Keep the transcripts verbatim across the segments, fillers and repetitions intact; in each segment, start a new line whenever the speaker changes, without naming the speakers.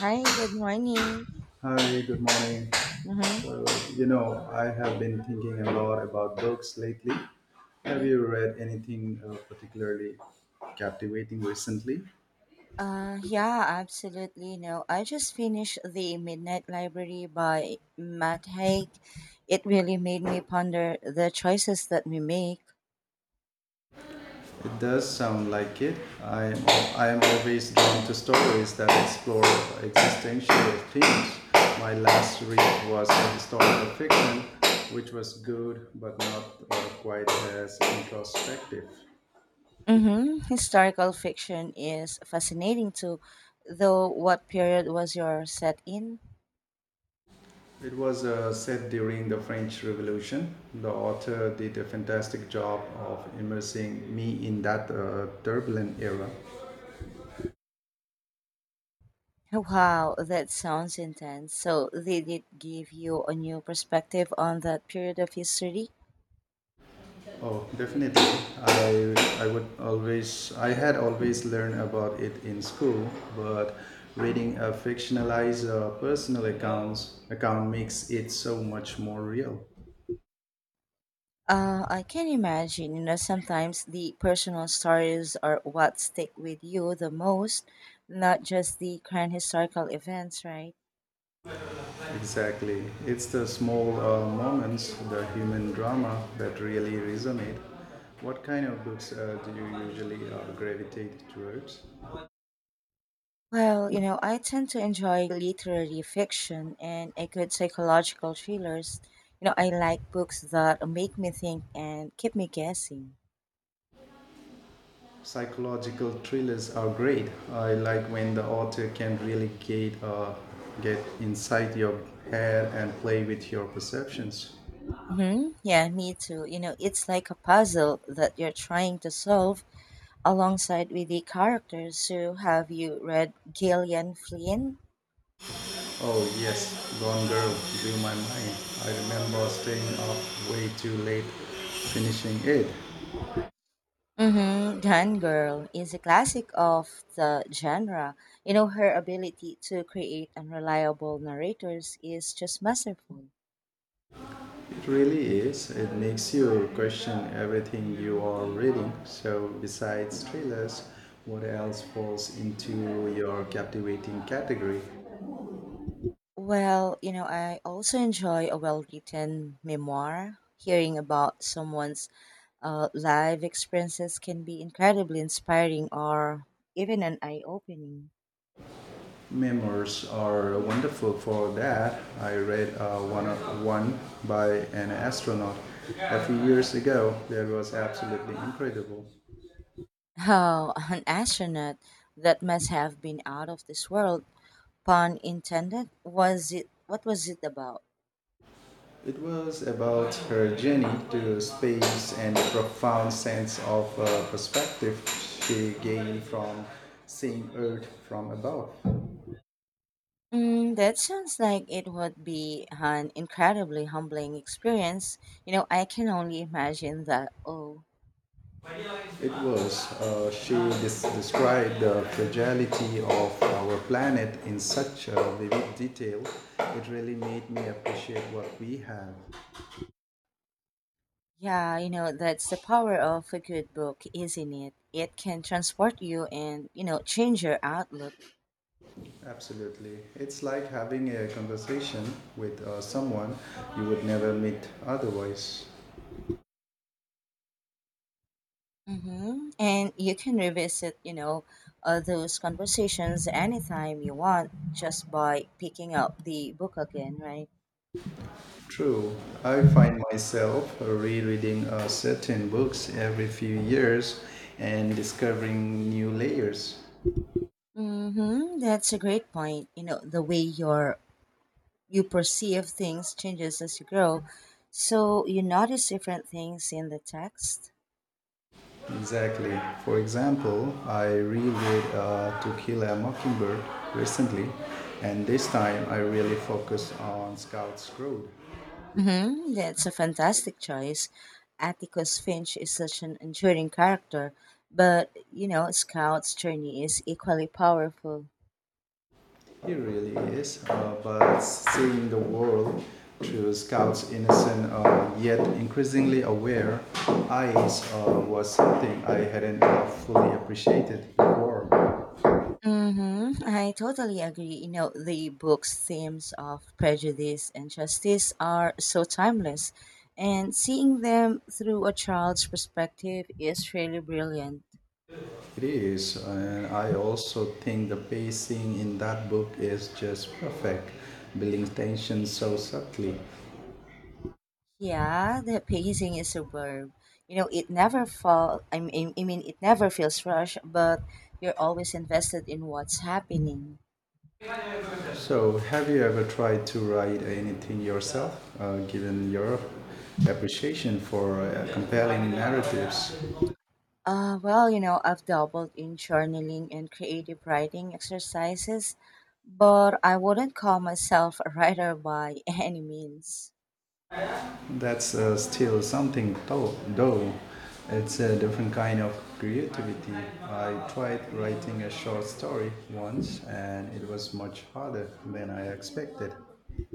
Hi, good morning.
Hi, good morning.
Mm-hmm.
So, you know, I have been thinking a lot about books lately. Have
Mm-hmm.
you read anything uh, particularly captivating recently?
Uh, yeah, absolutely. No, I just finished The Midnight Library by Matt Haig. It really made me ponder the choices that we make.
It does sound like it. I am I am always drawn to stories that explore existential themes. My last read was a historical fiction, which was good but not uh, quite as introspective.
Mm-hmm. Historical fiction is fascinating too, though what period was your set in?
It was uh, set during the French Revolution. The author did a fantastic job of immersing me in that uh, turbulent era.
Wow, that sounds intense. So, did it give you a new perspective on that period of history?
Oh, definitely. I, I would always, I had always learned about it in school, but reading a fictionalized uh, personal accounts account makes it so much more real.
Uh, I can imagine, you know, sometimes the personal stories are what stick with you the most, not just the current historical events, right?
Exactly. It's the small uh, moments, the human drama that really resonate. What kind of books uh, do you usually uh, gravitate towards?
Well, you know, I tend to enjoy literary fiction and a good psychological thrillers. You know, I like books that make me think and keep me guessing.
Psychological thrillers are great. I like when the author can really get, uh, get inside your head and play with your perceptions.
Mm-hmm. Yeah, me too. You know, it's like a puzzle that you're trying to solve alongside with the characters. So, have you read Gillian Flynn?
Oh, yes, Gone Girl blew my mind. I remember staying up way too late finishing it.
Mm-hmm. Gone Girl is a classic of the genre. You know, her ability to create unreliable narrators is just masterful.
It really is. It makes you question everything you are reading. So, besides thrillers, what else falls into your captivating category?
Well, you know, I also enjoy a well written memoir. Hearing about someone's uh, live experiences can be incredibly inspiring or even an eye opening.
Memoirs are wonderful for that. I read uh, one, one by an astronaut a few years ago that was absolutely incredible.
How an astronaut that must have been out of this world, pun intended, was it? What was it about?
It was about her journey to space and the profound sense of uh, perspective she gained from seeing Earth from above.
Mm, that sounds like it would be an incredibly humbling experience. You know, I can only imagine that. Oh,
It was, uh, she des- described the fragility of our planet in such uh, vivid detail. It really made me appreciate what we have.
yeah, you know, that's the power of a good book, isn't it? It can transport you and, you know, change your outlook.
Absolutely. It's like having a conversation with uh, someone you would never meet otherwise.
Mm-hmm. And you can revisit, you know, uh, those conversations anytime you want just by picking up the book again, right?
True. I find myself rereading uh, certain books every few years and discovering new layers.
Mm-hmm. That's a great point. You know, the way your you perceive things changes as you grow. So you notice different things in the text.
Exactly. For example, I reread uh, To Kill a Mockingbird recently, and this time I really focused on Scout's Road.
Hmm. That's a fantastic choice. Atticus Finch is such an enduring character, but you know, Scout's journey is equally powerful.
It really is, uh, but seeing the world through Scout's innocent uh, yet increasingly aware eyes uh, was something I hadn't uh, fully appreciated before.
Hmm. I totally agree. You know, the book's themes of prejudice and justice are so timeless, and seeing them through a child's perspective is really brilliant.
It is, and I also think the pacing in that book is just perfect, building tension so subtly.
Yeah, the pacing is superb. You know, it never fall. I mean, I mean, it never feels rushed, but you're always invested in what's happening.
So, have you ever tried to write anything yourself, uh, given your appreciation for uh, compelling narratives?
Uh, well, you know, I've doubled in journaling and creative writing exercises, but I wouldn't call myself a writer by any means.
That's uh, still something though, though. It's a different kind of creativity. I tried writing a short story once and it was much harder than I expected.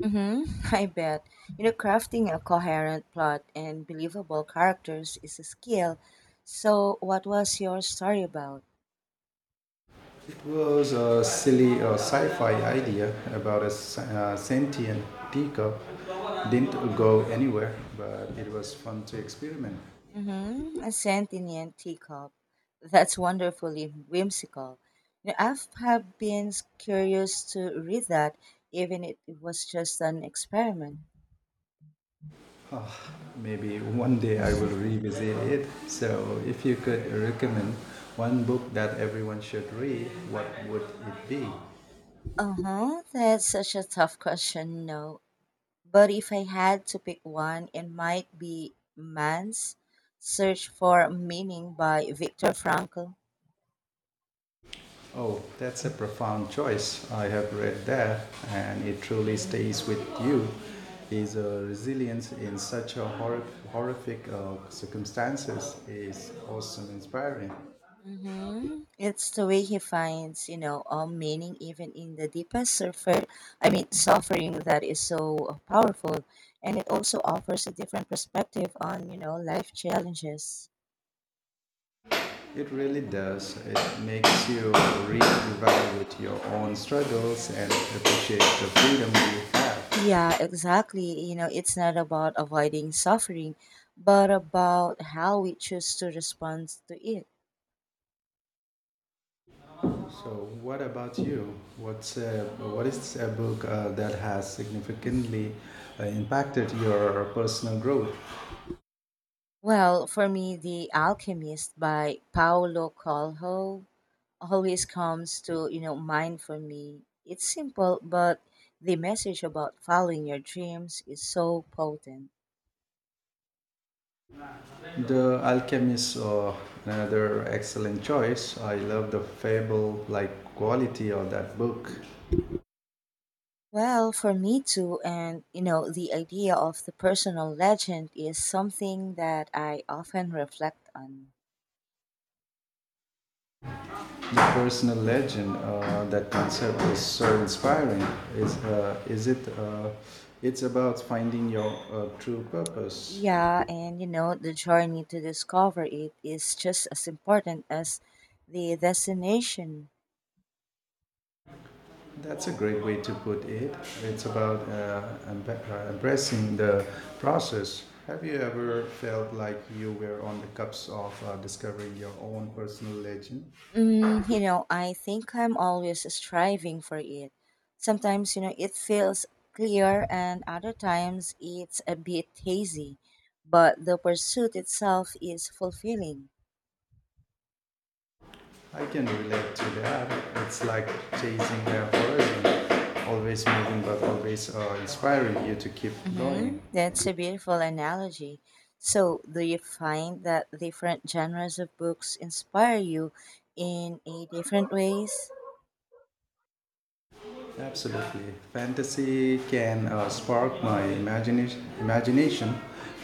Mm-hmm, I bet. You know, crafting a coherent plot and believable characters is a skill. So, what was your story about?
It was a silly uh, sci fi idea about a s- uh, sentient teacup. Didn't go anywhere, but it was fun to experiment.
Mm-hmm. A sentient teacup. That's wonderfully whimsical. You know, I've have been curious to read that, even if it was just an experiment.
Ah, maybe one day I will revisit it. So, if you could recommend one book that everyone should read, what would it be?
Uh-huh. That's such a tough question, no. But if I had to pick one, it might be Man's Search for Meaning by Viktor Frankl.
Oh, that's a profound choice. I have read that, and it truly stays with you. Is uh, resilience in such a hor- horrific uh, circumstances is awesome, inspiring.
Mm-hmm. It's the way he finds, you know, um, meaning even in the deepest suffer, I mean, suffering that is so uh, powerful, and it also offers a different perspective on, you know, life challenges.
It really does. It makes you reevaluate your own struggles and appreciate the freedom you have.
Yeah, exactly. You know, it's not about avoiding suffering, but about how we choose to respond to it.
So, what about you? What's a, what is a book uh, that has significantly uh, impacted your personal growth?
Well, for me, The Alchemist by Paulo Coelho always comes to you know mind for me, it's simple, but the message about following your dreams is so potent.
The Alchemist, uh, another excellent choice. I love the fable-like quality of that book.
Well, for me too, and you know the idea of the personal legend is something that I often reflect on.
The personal legend, uh, that concept is so inspiring. Is uh, is it? Uh, it's about finding your uh, true purpose.
Yeah, and you know the journey to discover it is just as important as the destination.
That's a great way to put it. It's about uh, emb- uh, embracing the process. Have you ever felt like you were on the cusp of uh, discovering your own personal legend?
Mm, you know, I think I'm always striving for it. Sometimes, you know, it feels clear, and other times it's a bit hazy, but the pursuit itself is fulfilling.
I can relate to that. It's like chasing a horizon, always moving but always uh, inspiring you to keep going.
Mm-hmm. That's a beautiful analogy. So, do you find that different genres of books inspire you in a different ways?
Absolutely. Fantasy can uh, spark my imagination, imagination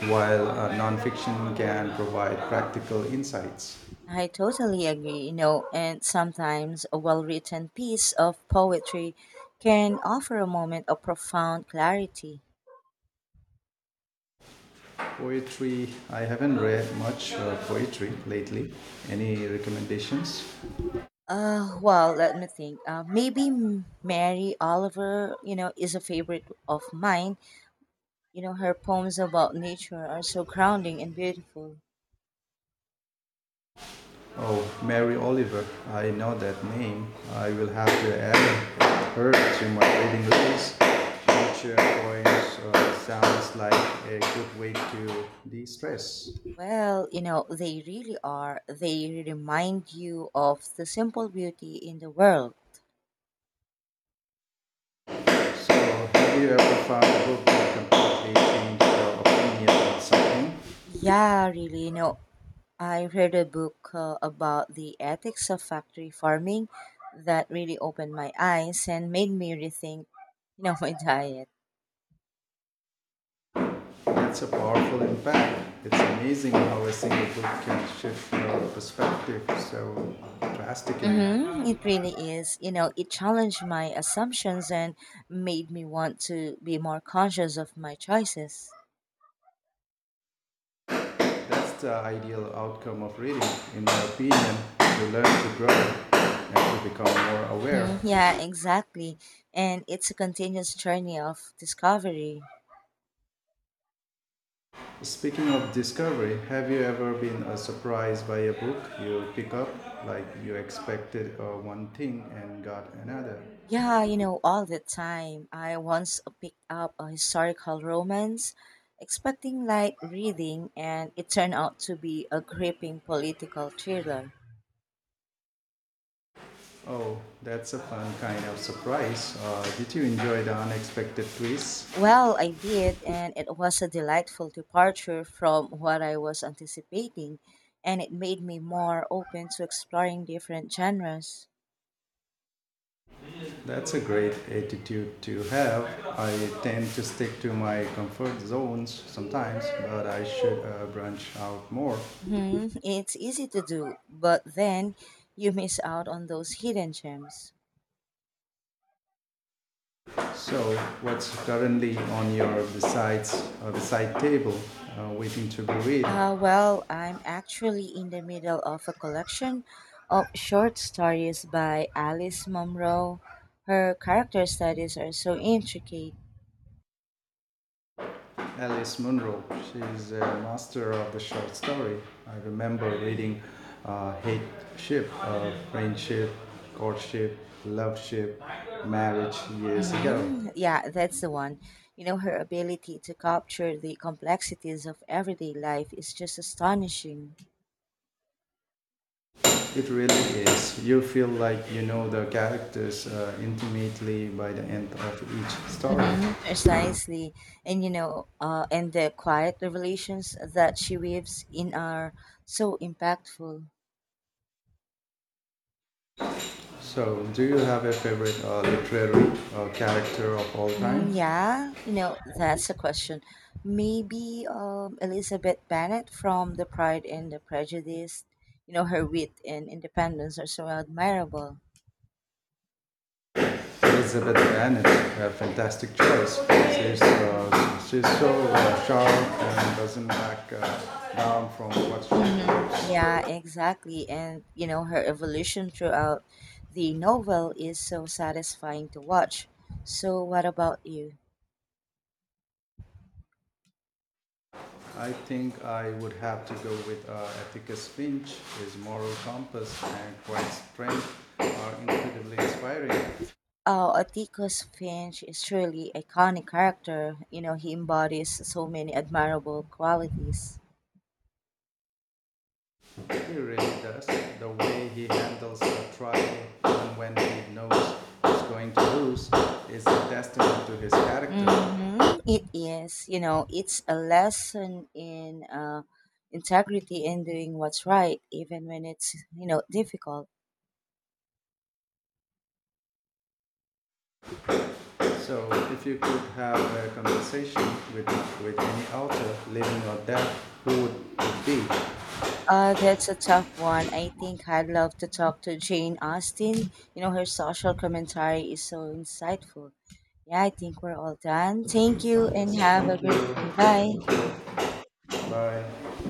while uh, nonfiction can provide practical insights.
I totally agree, you know, and sometimes a well written piece of poetry can offer a moment of profound clarity.
Poetry, I haven't read much uh, poetry lately. Any recommendations?
Uh, well, let me think. Uh, maybe M- Mary Oliver, you know, is a favorite of mine. You know, her poems about nature are so grounding and beautiful.
Oh, Mary Oliver, I know that name. I will have to add her to my reading list. Nature poems uh, sounds like a good way to de stress.
Well, you know, they really are. They remind you of the simple beauty in the world.
So, have you ever found a book that completely changed your opinion on something?
Yeah, really. You know, I read a book uh, about the ethics of factory farming that really opened my eyes and made me rethink, you know, my diet.
It's a powerful impact. It's amazing how a single book can shift your perspective so drastically.
Mm-hmm. It really is. You know, it challenged my assumptions and made me want to be more conscious of my choices.
That's the ideal outcome of reading, in my opinion, to learn to grow and to become more aware.
Hmm. Yeah, exactly. And it's a continuous journey of discovery.
Speaking of discovery, have you ever been uh, surprised by a book you pick up, like you expected uh, one thing and got another?
Yeah, you know, all the time. I once picked up a historical romance, expecting light reading, and it turned out to be a gripping political thriller.
Oh, that's a fun kind of surprise. Uh, did you enjoy the unexpected twists?
Well, I did, and it was a delightful departure from what I was anticipating, and it made me more open to exploring different genres.
That's a great attitude to have. I tend to stick to my comfort zones sometimes, but I should uh, branch out more.
Hmm. It's easy to do, but then you miss out on those hidden gems.
So, what's currently on your besides uh, beside table, uh, waiting to be read?
Uh, well, I'm actually in the middle of a collection of short stories by Alice Munro. Her character studies are so intricate.
Alice Munro. She's a master of the short story. I remember reading uh, Hate Ship, uh, Friendship, Courtship, Love Ship, Marriage years ago.
Mm-hmm. Yeah, that's the one. You know, her ability to capture the complexities of everyday life is just astonishing.
It really is. You feel like you know the characters uh, intimately by the end of each story.
Mm-hmm. Precisely. And, you know, uh, and the quiet revelations that she weaves in are so impactful.
So, do you have a favorite uh, literary uh, character of all
Mm,
time?
yeah, you know, that's a question. Maybe um, Elizabeth Bennet from The Pride and the Prejudice, you know, her wit and independence are so admirable.
Elizabeth Bennet, a fantastic choice. She's, uh, she's so uh, sharp and doesn't back uh, down from what she
Hmm.
believes.
Yeah, exactly. And, you know, her evolution throughout the novel is so satisfying to watch. So, what about you?
I think I would have to go with uh, Ethicus Finch. His moral compass and quiet strength are incredibly inspiring.
Oh, Atticus Finch is truly iconic character. You know, he embodies so many admirable qualities.
He really does. The way he handles the trial, even when he knows he's going to lose, is a testament to his character.
Mm-hmm. It is, you know, it's a lesson in uh, integrity and doing what's right, even when it's, you know, difficult.
So, if you could have a conversation with with any author, living or dead, who would it be?
Uh, that's a tough one. I think I'd love to talk to Jane Austen. You know, her social commentary is so insightful. Yeah, I think we're all done. Thank you and have a great day. Bye.
Bye.